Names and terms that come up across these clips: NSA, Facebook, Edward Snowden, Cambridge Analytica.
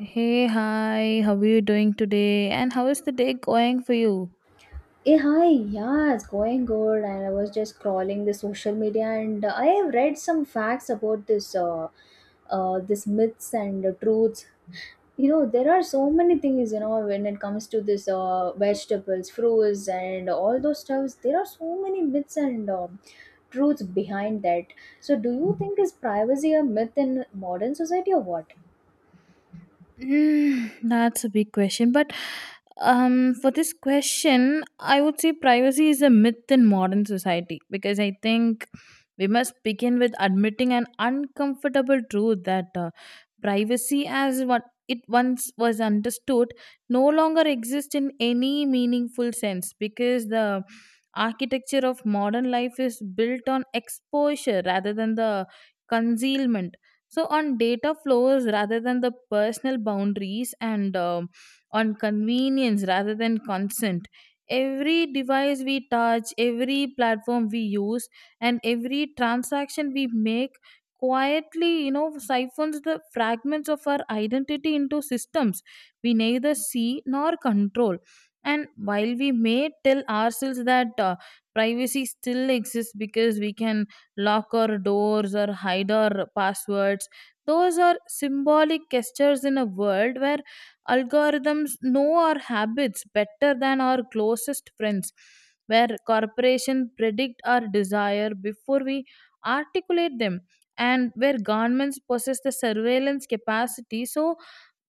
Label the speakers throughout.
Speaker 1: Hey, hi, how are you doing today? And how is the day going for you?
Speaker 2: Hey, hi, yeah, it's going good. And I was just scrolling the social media, and I have read some facts about this myths and truths. You know, there are so many things. You know, when it comes to vegetables, fruits, and all those stuffs, there are so many myths and truths behind that. So, do you think is privacy a myth in modern society or what?
Speaker 1: Mm, that's a big question, but for this question, I would say privacy is a myth in modern society because I think we must begin with admitting an uncomfortable truth that privacy, as what it once was understood, no longer exists in any meaningful sense, because the architecture of modern life is built on exposure rather than the concealment, so on data flows rather than the personal boundaries, and on convenience rather than consent. Every device we touch, every platform we use, and every transaction we make quietly siphons the fragments of our identity into systems we neither see nor control. And while we may tell ourselves that privacy still exists because we can locker doors or hider passwords, those are symbolic gestures in a world where algorithms know our habits better than our closest friends, where corporations predict our desire before we articulate them, and where governments possess the surveillance capacity so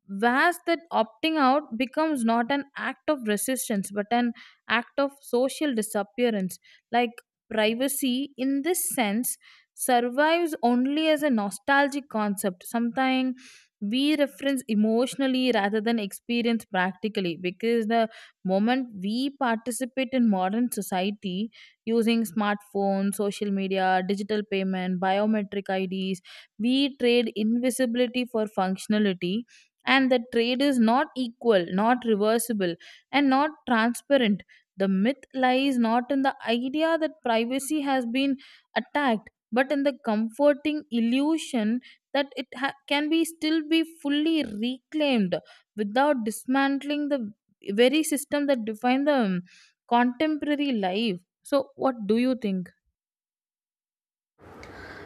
Speaker 1: vast that opting out becomes not an act of resistance but an act of social disappearance. Like, privacy in this sense survives only as a nostalgic concept, something we reference emotionally rather than experience practically, because the moment we participate in modern society using smartphones, social media, digital payment, biometric ids, we trade invisibility for functionality, and the trade is not equal, not reversible, and not transparent. The myth lies not in the idea that privacy has been attacked, but in the comforting illusion that can be still be fully reclaimed without dismantling the very system that define the contemporary life. So, what do you think?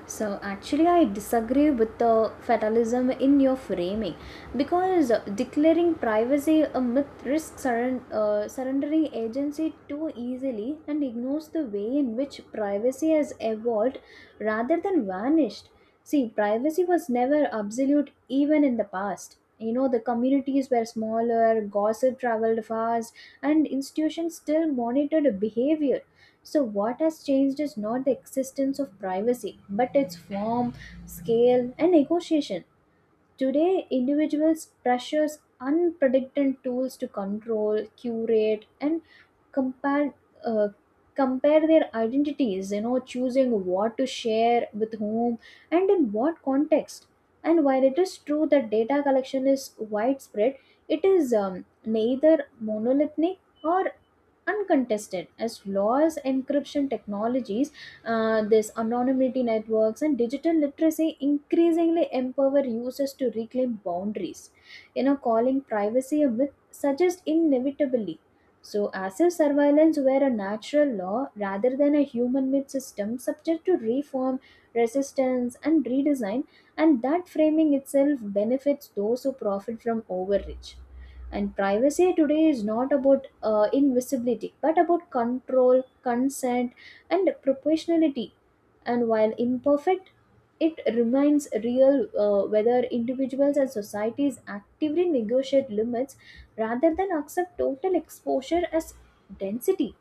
Speaker 2: So actually, I disagree with the fatalism in your framing because declaring privacy a myth risks surrendering agency too easily and ignores the way in which privacy has evolved rather than vanished. See, privacy was never absolute even in the past. You know, the communities were smaller, gossip traveled fast, and institutions still monitored behavior. So what has changed is not the existence of privacy, but its form, scale, and negotiation. Today, individuals pressures unpredicted tools to control, curate, and compare uh, compare their identities. You know, choosing what to share with whom and in what context. And while it is true that data collection is widespread, it is neither monolithic or uncontested as laws encryption technologies, this anonymity networks and digital literacy increasingly empower users to reclaim boundaries. You know, calling privacy a myth suggests inevitably, so as if surveillance were a natural law rather than a human made system subject to reform, resistance and redesign, and that framing itself benefits those who profit from overreach. And privacy today is not about invisibility, but about control, consent, and proportionality. And while imperfect, it remains real, whether individuals and societies actively negotiate limits rather than accept total exposure as density.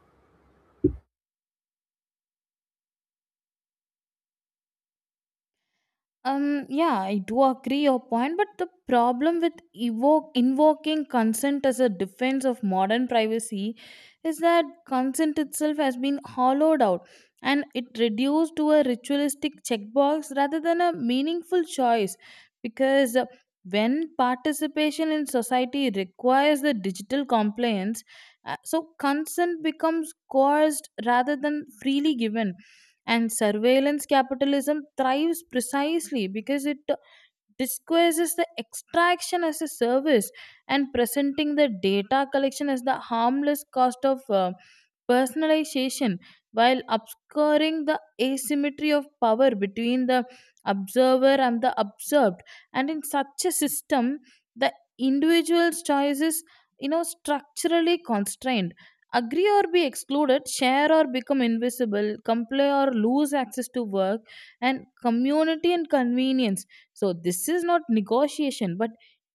Speaker 1: Yeah, I do agree your point, but the problem with invoking consent as a defense of modern privacy is that consent itself has been hollowed out and it reduced to a ritualistic checkbox rather than a meaningful choice. Because when participation in society requires the digital compliance, so consent becomes coerced rather than freely given, and surveillance capitalism thrives precisely because it disguises the extraction as a service, and presenting the data collection as the harmless cost of personalization, while obscuring the asymmetry of power between the observer and the observed. And in such a system, the individual's choices, structurally constrained, agree or be excluded, share or become invisible, comply or lose access to work and community and convenience. So this is not negotiation but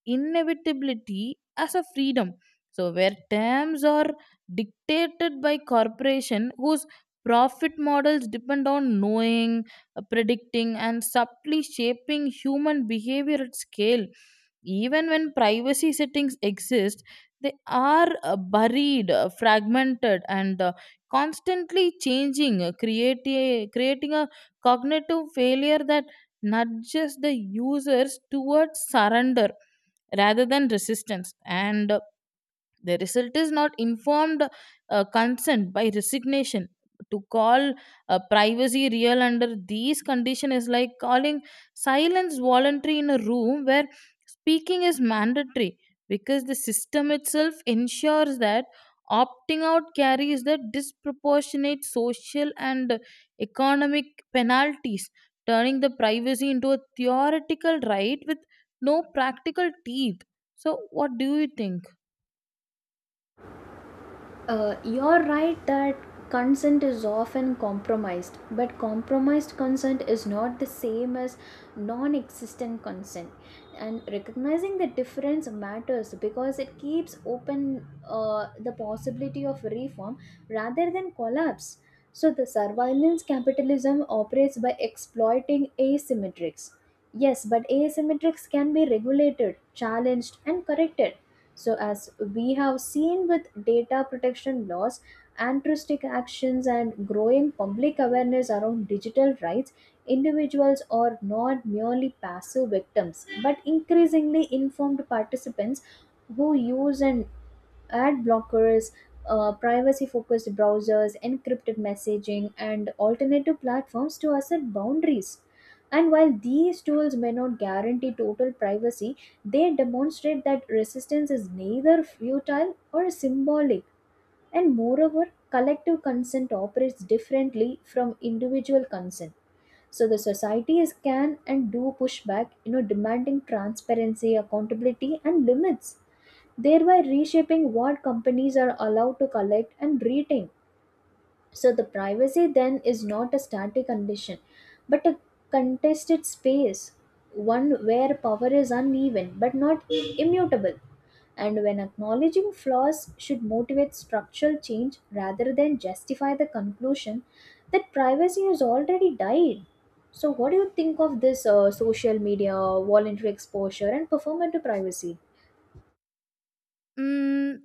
Speaker 1: inevitability as a freedom, so where terms are dictated by corporation whose profit models depend on knowing, predicting, and subtly shaping human behavior at scale. Even when privacy settings exist, they are buried, fragmented, and constantly changing, creating a cognitive failure that nudges the users towards surrender rather than resistance. And the result is not informed consent by resignation. To call privacy real under these conditions is like calling silence voluntary in a room where speaking is mandatory, because the system itself ensures that opting out carries the disproportionate social and economic penalties, turning the privacy into a theoretical right with no practical teeth. So, what do you think?
Speaker 2: You're right that consent is often compromised, but compromised consent is not the same as non existent consent. And recognizing the difference matters because it keeps open, the possibility of reform rather than collapse. So, the surveillance capitalism operates by exploiting asymmetrics. Yes, but asymmetrics can be regulated, challenged, and corrected, so as we have seen with data protection laws, altruistic actions, and growing public awareness around digital rights, individuals are not merely passive victims but increasingly informed participants who use and Ad blockers, privacy focused browsers, encrypted messaging, and alternative platforms to assert boundaries. And while these tools may not guarantee total privacy, they demonstrate that resistance is neither futile or symbolic. And moreover, collective consent operates differently from individual consent. So the societies can and do push back, you know, demanding transparency, accountability, and limits, thereby reshaping what companies are allowed to collect and retain. So the privacy then is not a static condition, but a contested space, one where power is uneven but not immutable. And when acknowledging flaws should motivate structural change rather than justify the conclusion that privacy has already died. So, what do you think of this social media, voluntary exposure, and performative privacy?
Speaker 1: Mm,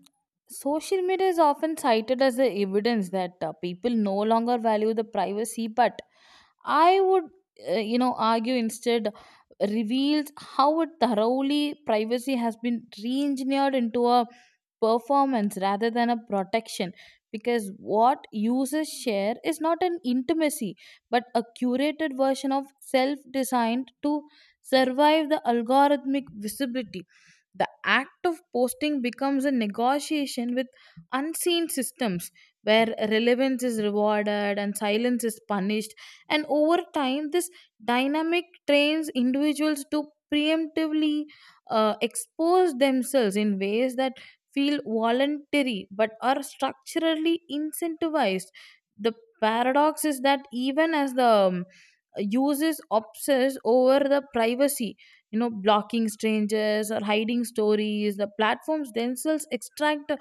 Speaker 1: social media is often cited as the evidence that people no longer value the privacy, but I would, argue instead reveals how it thoroughly privacy has been re-engineered into a performance rather than a protection, because what users share is not an intimacy but a curated version of self designed to survive the algorithmic visibility. The act of posting becomes a negotiation with unseen systems, where relevance is rewarded and silence is punished, and over time this dynamic trains individuals to preemptively expose themselves in ways that feel voluntary but are structurally incentivized. The paradox is that even as the uses obsess over the privacy, blocking strangers or hiding stories, the platforms themselves extract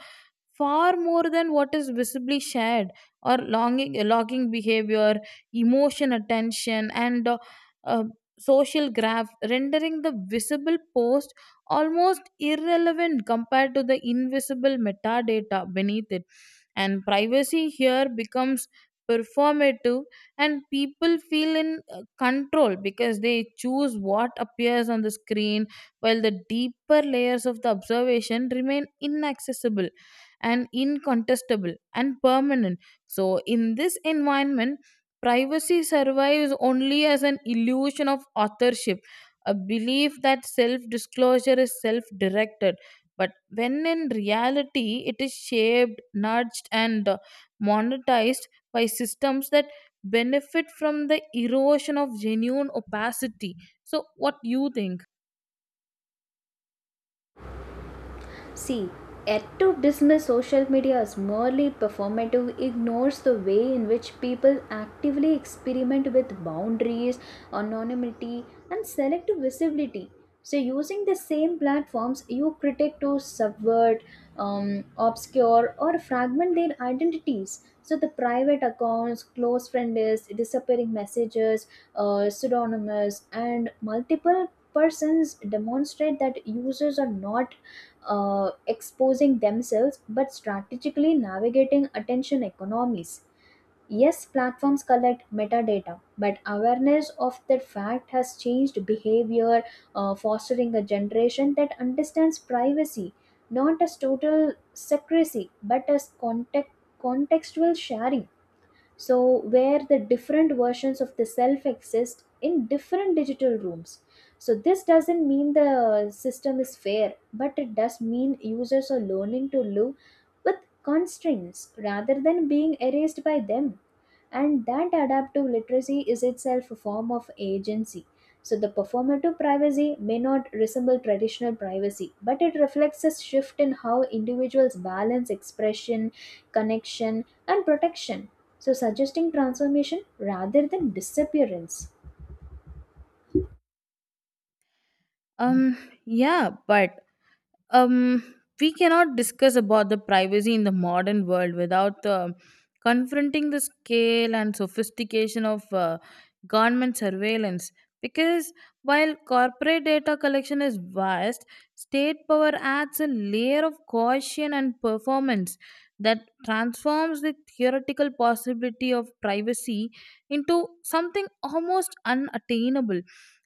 Speaker 1: far more than what is visibly shared, or longing logging behavior, emotion, attention, and uh, social graph, rendering the visible post almost irrelevant compared to the invisible metadata beneath it. And privacy here becomes performative, and people feel in control because they choose what appears on the screen, while the deeper layers of the observation remain inaccessible and incontestable and permanent. So, in this environment, privacy survives only as an illusion of authorship, a belief that self disclosure is self directed. But when in reality it is shaped, nudged, and monetized by systems that benefit from the erosion of genuine opacity. So, what do you think?
Speaker 2: See, yet to dismiss social media as merely performative ignores the way in which people actively experiment with boundaries, anonymity, and selective visibility. So, using the same platforms, you critic to subvert, obscure, or fragment their identities. So, the private accounts, close friend lists, disappearing messages, pseudonymous, and multiple persons demonstrate that users are not exposing themselves but strategically navigating attention economies. Yes, platforms collect metadata, but awareness of that fact has changed behavior, fostering a generation that understands privacy not as total secrecy but as contextual sharing, so where the different versions of the self exist in different digital rooms. So this doesn't mean the system is fair, but it does mean users are learning to live with constraints rather than being erased by them, and that adaptive literacy is itself a form of agency. So, the performative privacy may not resemble traditional privacy, but it reflects a shift in how individuals balance expression, connection, and protection. So, suggesting transformation rather than disappearance.
Speaker 1: Um, yeah, but we cannot discuss about the privacy in the modern world without confronting the scale and sophistication of government surveillance, because while corporate data collection is vast, state power adds a layer of caution and performance that transforms the theoretical possibility of privacy into something almost unattainable.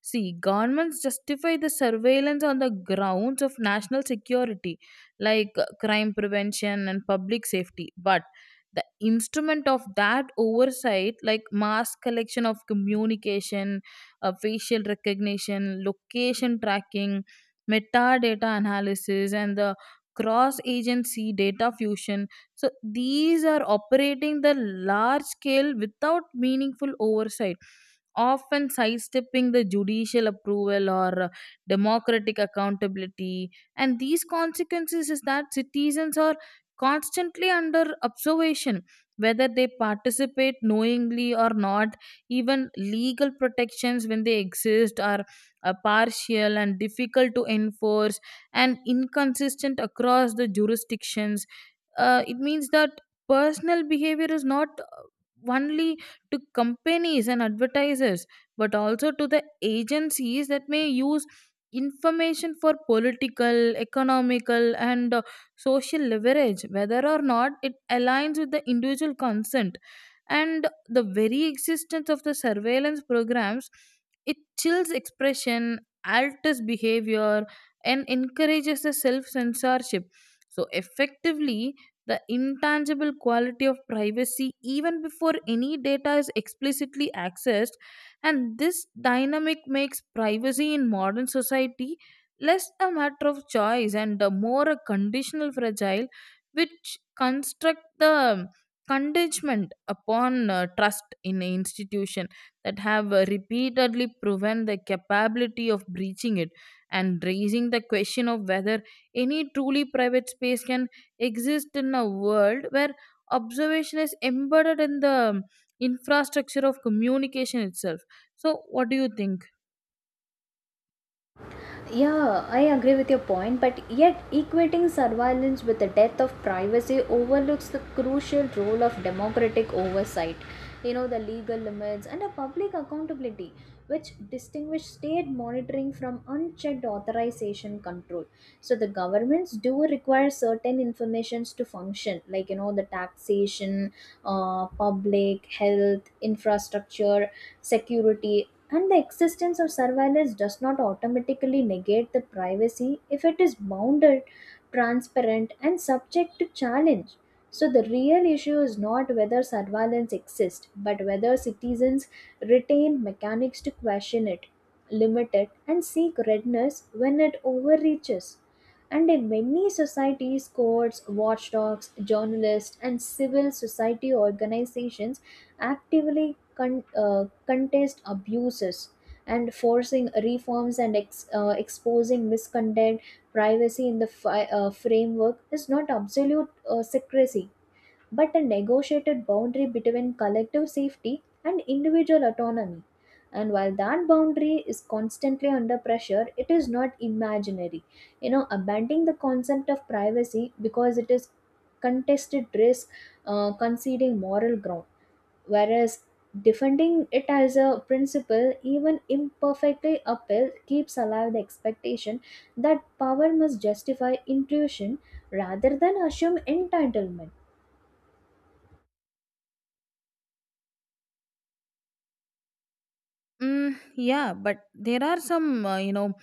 Speaker 1: See, governments justify the surveillance on the grounds of national security, like crime prevention and public safety. But the instrument of that oversight, like mass collection of communication, facial recognition, location tracking, metadata analysis, and the cross agency data fusion, so these are operating the large scale without meaningful oversight, often sidestepping the judicial approval or democratic accountability. And these consequences is that citizens are constantly under observation, whether they participate knowingly or not. Even legal protections, when they exist, are partial and difficult to enforce and inconsistent across the jurisdictions. It means that personal behavior is not only to companies and advertisers, but also to the agencies that may use information for political, economical, and social leverage, whether or not it aligns with the individual consent. And the very existence of the surveillance programs, it chills expression, alters behavior, and encourages the self censorship. So, effectively, the intangible quality of privacy, even before any data is explicitly accessed, and this dynamic makes privacy in modern society less a matter of choice and a more a conditional fragile, which construct the contingent upon trust in an institution that have repeatedly proven the capability of breaching it, and raising the question of whether any truly private space can exist in a world where observation is embedded in the infrastructure of communication itself. So what do you think?
Speaker 2: Yeah, I agree with your point, but yet equating surveillance with the death of privacy overlooks the crucial role of democratic oversight, you know, the legal limits and a public accountability, which distinguish state monitoring from unchecked authorization control. So the governments do require certain informations to function, like you know, the taxation, public health, infrastructure, security, and the existence of surveillance does not automatically negate the privacy if it is bounded, transparent, and subject to challenge. So, the real issue is not whether surveillance exists, but whether citizens retain mechanics to question it, limit it, and seek redress when it overreaches. And in many societies, courts, watchdogs, journalists, and civil society organizations actively contest abuses and forcing reforms and exposing misconduct. Privacy in the framework is not absolute, secrecy but a negotiated boundary between collective safety and individual autonomy, and while that boundary is constantly under pressure, it is not imaginary. You know, abandoning the concept of privacy because it is contested risk, conceding moral ground, whereas defending it as a principle even imperfectly upheld keeps alive the expectation that power must justify intrusion rather than assume entitlement.
Speaker 1: Mm, yeah, but there are some,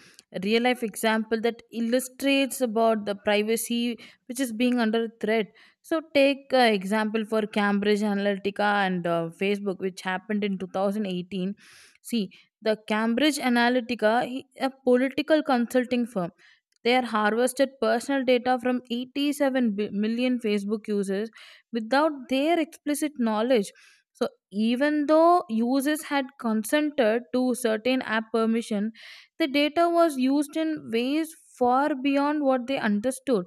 Speaker 1: real life example that illustrates about the privacy which is being under threat. So take example for Cambridge Analytica and Facebook, which happened in 2018. See, the Cambridge Analytica, a political consulting firm, they are harvested personal data from 87 million Facebook users without their explicit knowledge. So even though users had consented to certain app permission, the data was used in ways far beyond what they understood,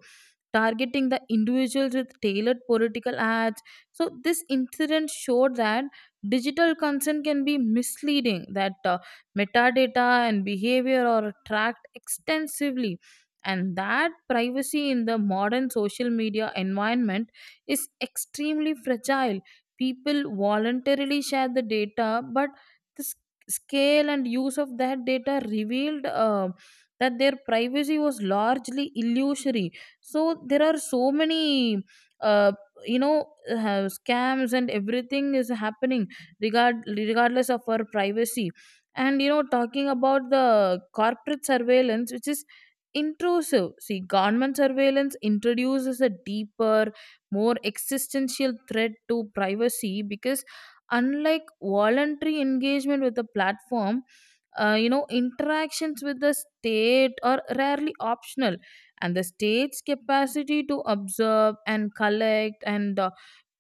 Speaker 1: targeting the individuals with tailored political ads. So, this incident showed that digital consent can be misleading, that metadata and behavior are tracked extensively. And that privacy in the modern social media environment is extremely fragile. People voluntarily share the data, but the s- scale and use of that data revealed that their privacy was largely illusory. So there are so many uh, scams and everything is happening regardless of our privacy. And talking about the corporate surveillance which is intrusive, see, government surveillance introduces a deeper, more existential threat to privacy, because unlike voluntary engagement with the platform, interactions with the state are rarely optional. And the state's capacity to observe and collect and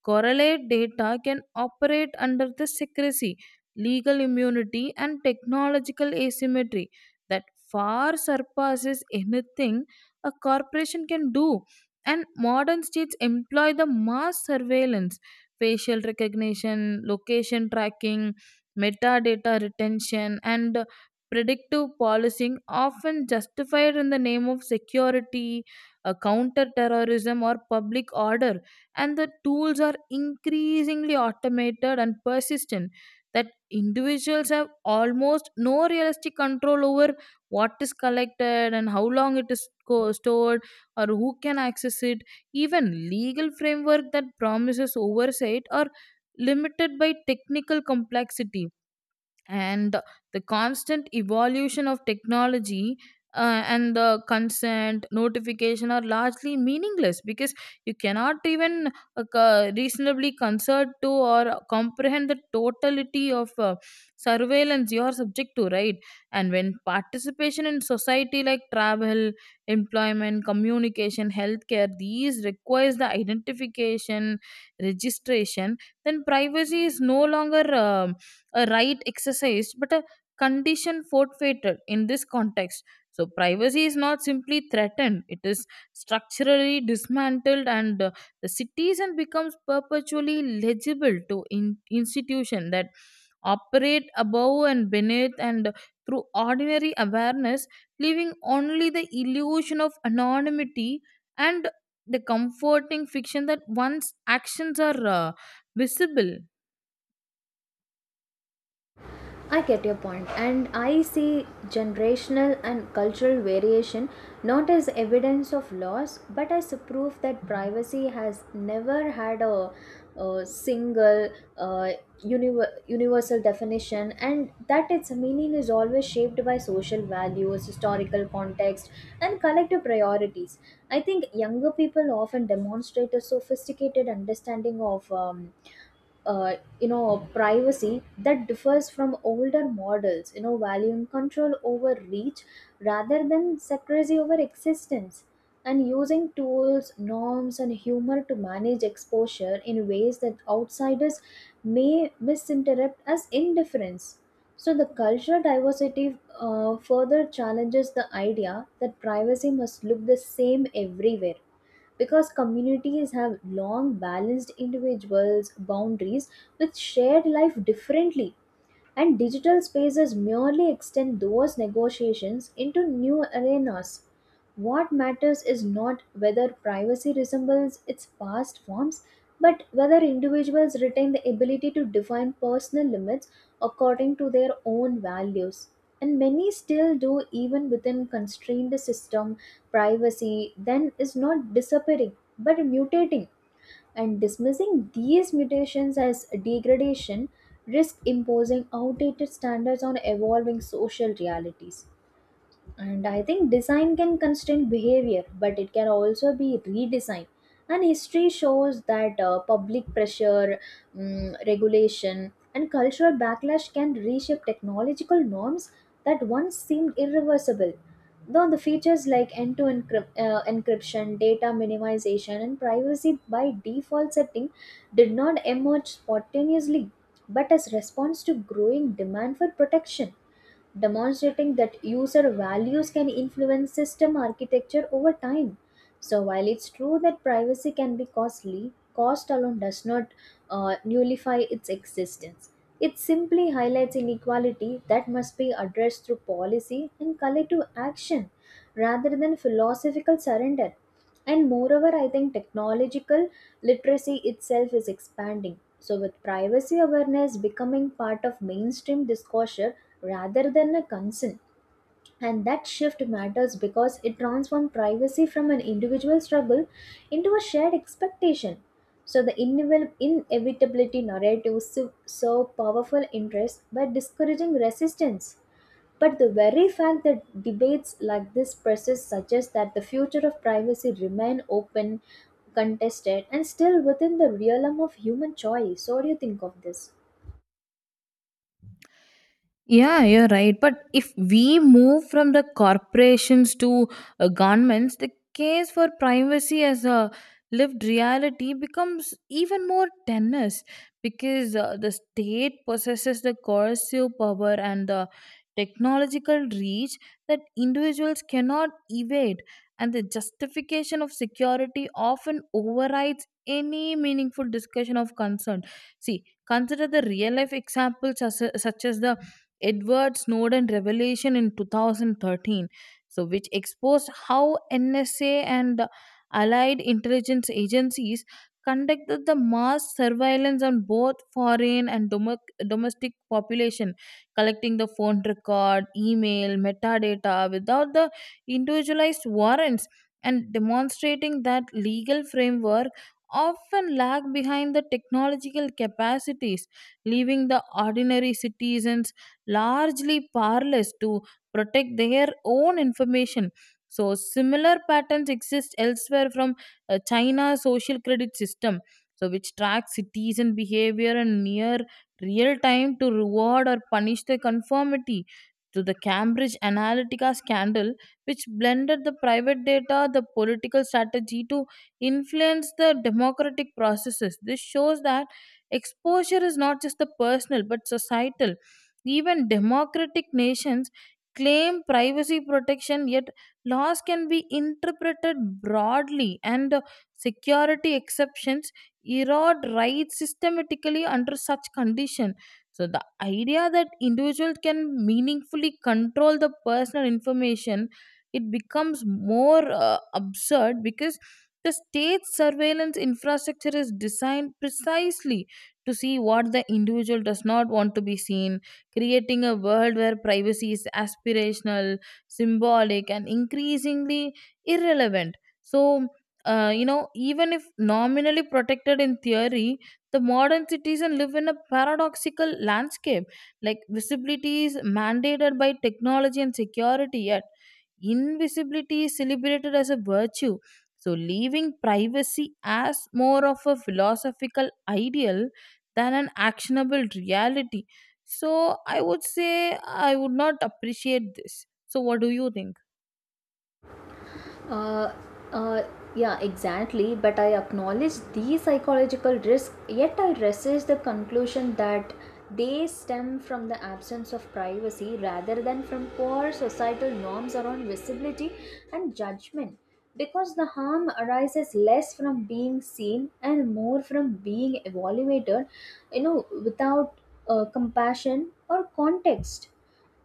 Speaker 1: correlate data can operate under the secrecy, legal immunity, and technological asymmetry that far surpasses anything a corporation can do. And modern states employ the mass surveillance, facial recognition, location tracking, metadata retention, and predictive policing, often justified in the name of security, counter terrorism, or public order. And the tools are increasingly automated and persistent, that individuals have almost no realistic control over what is collected and how long it is stored or who can access it. Even legal framework that promises oversight are limited by technical complexity and the constant evolution of technology. Uh, and the consent notification are largely meaningless, because you cannot even reasonably concert to or comprehend the totality of surveillance you are subject to, right? And when participation in society, like travel, employment, communication, healthcare, these requires the identification, registration, then privacy is no longer a right exercised but a condition forfeited in this context. So, privacy is not simply threatened, it is structurally dismantled, and the citizen becomes perpetually legible to institutions that operate above and beneath and through ordinary awareness, leaving only the illusion of anonymity and the comforting fiction that one's actions are visible.
Speaker 2: I get your point, and I see generational and cultural variation not as evidence of loss but as a proof that privacy has never had a single uh, universal definition and that its meaning is always shaped by social values, historical context, and collective priorities. I think younger people often demonstrate a sophisticated understanding of. You know, privacy that differs from older models, you know, valuing control over reach rather than secrecy over existence, and using tools norms and humor to manage exposure in ways that outsiders may misinterpret as indifference. So the cultural diversity further challenges the idea that privacy must look the same everywhere, because communities have long balanced individuals' boundaries with shared life differently, and digital spaces merely extend those negotiations into new arenas. What matters is not whether privacy resembles its past forms, but whether individuals retain the ability to define personal limits according to their own values, and many still do, even within constrained system. Privacy then is not disappearing but mutating, and dismissing these mutations as degradation risk imposing outdated standards on evolving social realities. And I think design can constrain behavior, but it can also be redesigned. And history shows that public pressure, regulation, and cultural backlash can reshape technological norms that once seemed irreversible. Though the features like end to end encryption, data minimization, and privacy by default setting did not emerge spontaneously but as response to growing demand for protection, demonstrating that user values can influence system architecture over time. So, while it's true that privacy can be costly, cost alone does not nullify its existence. It simply highlights inequality that must be addressed through policy and collective action rather than philosophical surrender. And moreover, I think technological literacy itself is expanding. So, with privacy awareness becoming part of mainstream discourse rather than a concern. And that shift matters because it transforms privacy from an individual struggle into a shared expectation. So, the inevitability narrative serve powerful interest by discouraging resistance. But the very fact that debates like this persist suggests that the future of privacy remain open, contested, and still within the realm of human choice. So, what do you think of this?
Speaker 1: Yeah, you're right. But if we move from the corporations to governments, the case for privacy as a lived reality becomes even more tenuous because the state possesses the coercive power and the technological reach that individuals cannot evade, and the justification of security often overrides any meaningful discussion of concern. See, consider the real life examples such as the Edward Snowden revelation in 2013, which exposed how NSA and allied intelligence agencies conducted the mass surveillance on both foreign and domestic population, collecting the phone record, email, metadata without the individualized warrants and demonstrating that legal framework often lag behind the technological capacities leaving the ordinary citizens largely powerless to protect their own information. So, similar patterns exist elsewhere from China's social credit system, which tracks citizen behavior in near real time to reward or punish their conformity to the Cambridge Analytica scandal, which blended the private data, the political strategy to influence the democratic processes. This shows that exposure is not just the personal but societal even democratic nations claim privacy protection, yet laws can be interpreted broadly, and security exceptions erode rights systematically under such condition. So the idea that individuals can meaningfully control the personal information, it becomes more absurd because the state's surveillance infrastructure is designed precisely to see what the individual does not want to be seen creating a world where privacy is aspirational, symbolic, and increasingly irrelevant. So, Even if nominally protected in theory, the modern citizen live in a paradoxical landscape. Like visibility is mandated by technology and security, yet invisibility is celebrated as a virtue. So, leaving privacy as more of a philosophical ideal than an actionable reality. So I would not appreciate this. So what do you think?
Speaker 2: Uh, uh, yeah, exactly. But I acknowledge these psychological risks. Yet I resist the conclusion that they stem from the absence of privacy rather than from poor societal norms around visibility and judgment. Because the harm arises less from being seen and more from being evaluated, you know, without compassion or context.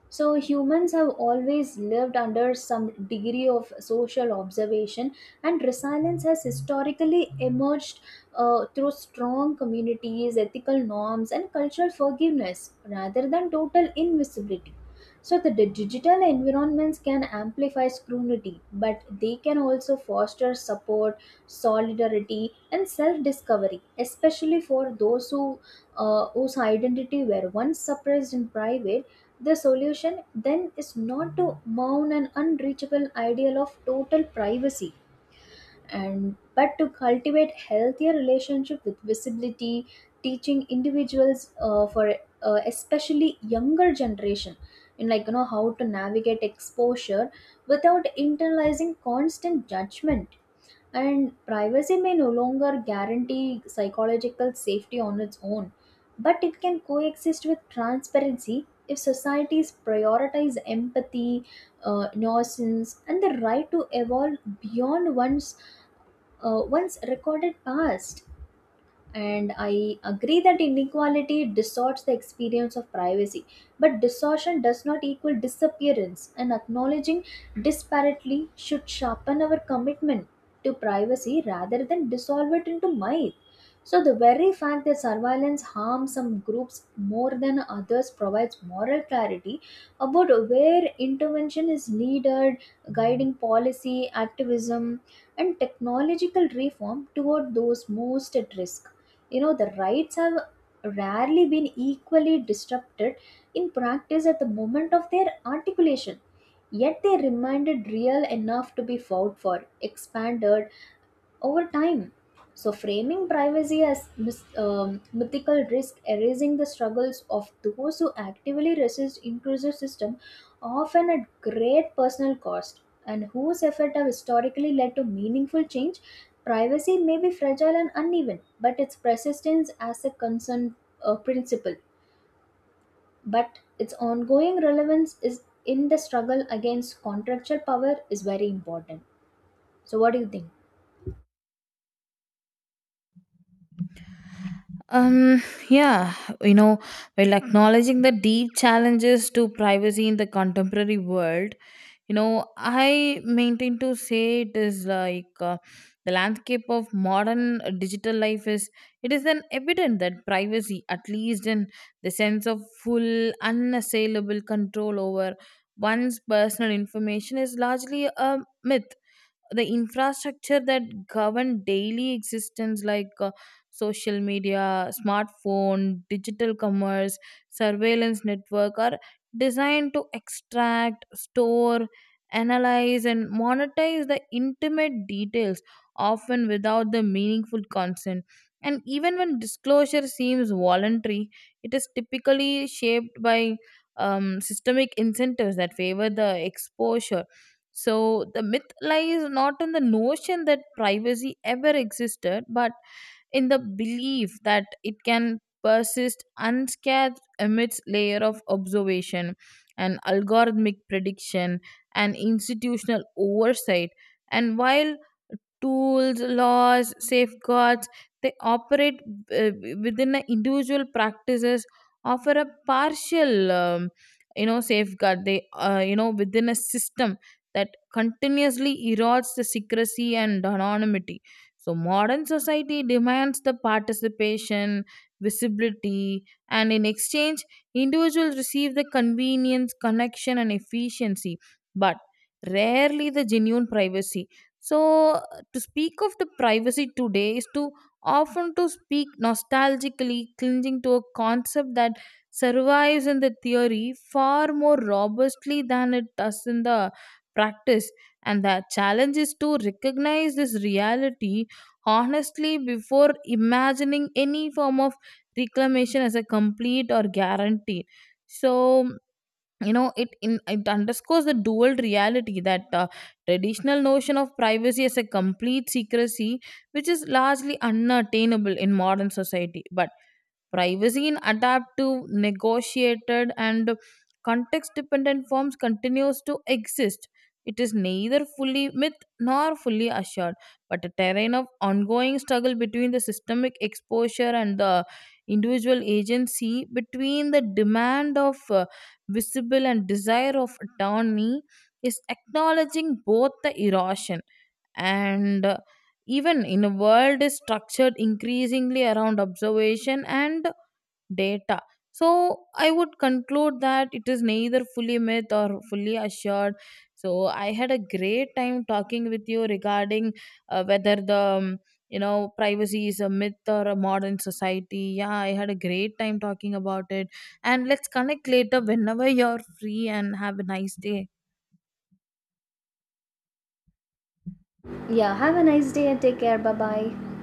Speaker 2: So humans have always lived under some degree of social observation, and resilience has historically emerged through strong communities, ethical norms, and cultural forgiveness rather than total invisibility. So the digital environments can amplify scrutiny, but they can also foster support, solidarity, and self-discovery, especially for those whose identity were once suppressed in private. The solution then is not to mount an unreachable ideal of total privacy and but to cultivate healthier relationship with visibility, teaching individuals for especially younger generation in, like, you know, how to navigate exposure without internalizing constant judgment. And privacy may no longer guarantee psychological safety on its own, but it can coexist with transparency if societies prioritize empathy, innocence, and the right to evolve beyond one's recorded past. And I agree that inequality distorts the experience of privacy, but distortion does not equal disappearance, and acknowledging disparately should sharpen our commitment to privacy rather than dissolve it into myth. So the very fact that surveillance harms some groups more than others provides moral clarity about where intervention is needed, guiding policy activism and technological reform toward those most at risk. You know, the rights have rarely been equally disrupted in practice at the moment of their articulation. Yet they remained real enough to be fought for, expanded, over time. So, framing privacy as mythical risk, erasing the struggles of those who actively resist intrusive system, often at great personal cost, and whose effect have historically led to meaningful change. Privacy may be fragile and uneven, but its persistence as a concern, principle, but its ongoing relevance is in the struggle against contractual power is very important. So, what do you think?
Speaker 1: Um, yeah, you know, while acknowledging the deep challenges to privacy in the contemporary world, you know, I maintain to say it is like the landscape of modern digital life is it is an evident that privacy, at least in the sense of full, unassailable control over one's personal information, is largely a myth. The infrastructure that govern daily existence like social media smartphone digital commerce surveillance network are designed to extract store analyze and monetize the intimate details often without the meaningful consent, and even when disclosure seems voluntary it is typically shaped by systemic incentives that favor the exposure. So the myth lies not in the notion that privacy ever existed, but in the belief that it can persist unscathed amidst layer of observation and algorithmic prediction and institutional oversight. And while tools, laws, safeguards. They operate uh, within the individual practices, offer a partial, safeguard. They, within a system that continuously erodes the secrecy and anonymity. So modern society demands the participation, visibility, and in exchange, individuals receive the convenience, connection, and efficiency. But rarely the genuine privacy. So to speak of the privacy today is to often to speak nostalgically clinging to a concept that survives in the theory far more robustly than it does in the practice, and the challenge is to recognize this reality honestly before imagining any form of reclamation as a complete or guarantee. So you know it underscores the dual reality that traditional notion of privacy as a complete secrecy which is largely unattainable in modern society, but privacy in adaptive, negotiated, and context dependent forms continues to exist. It is neither fully myth nor fully assured, but a terrain of ongoing struggle between the systemic exposure and the individual agency, between the demand of visible and desire of autonomy, is acknowledging both the erosion and even in a world is structured increasingly around observation and data. So I would conclude that it is neither fully myth or fully assured. So I had a great time talking with you regarding whether the you know privacy is a myth or a modern society. Yeah, I had a great time talking about it, and let's connect later whenever you're free and have a nice day.
Speaker 2: Yeah, have a nice day and take care. Bye bye.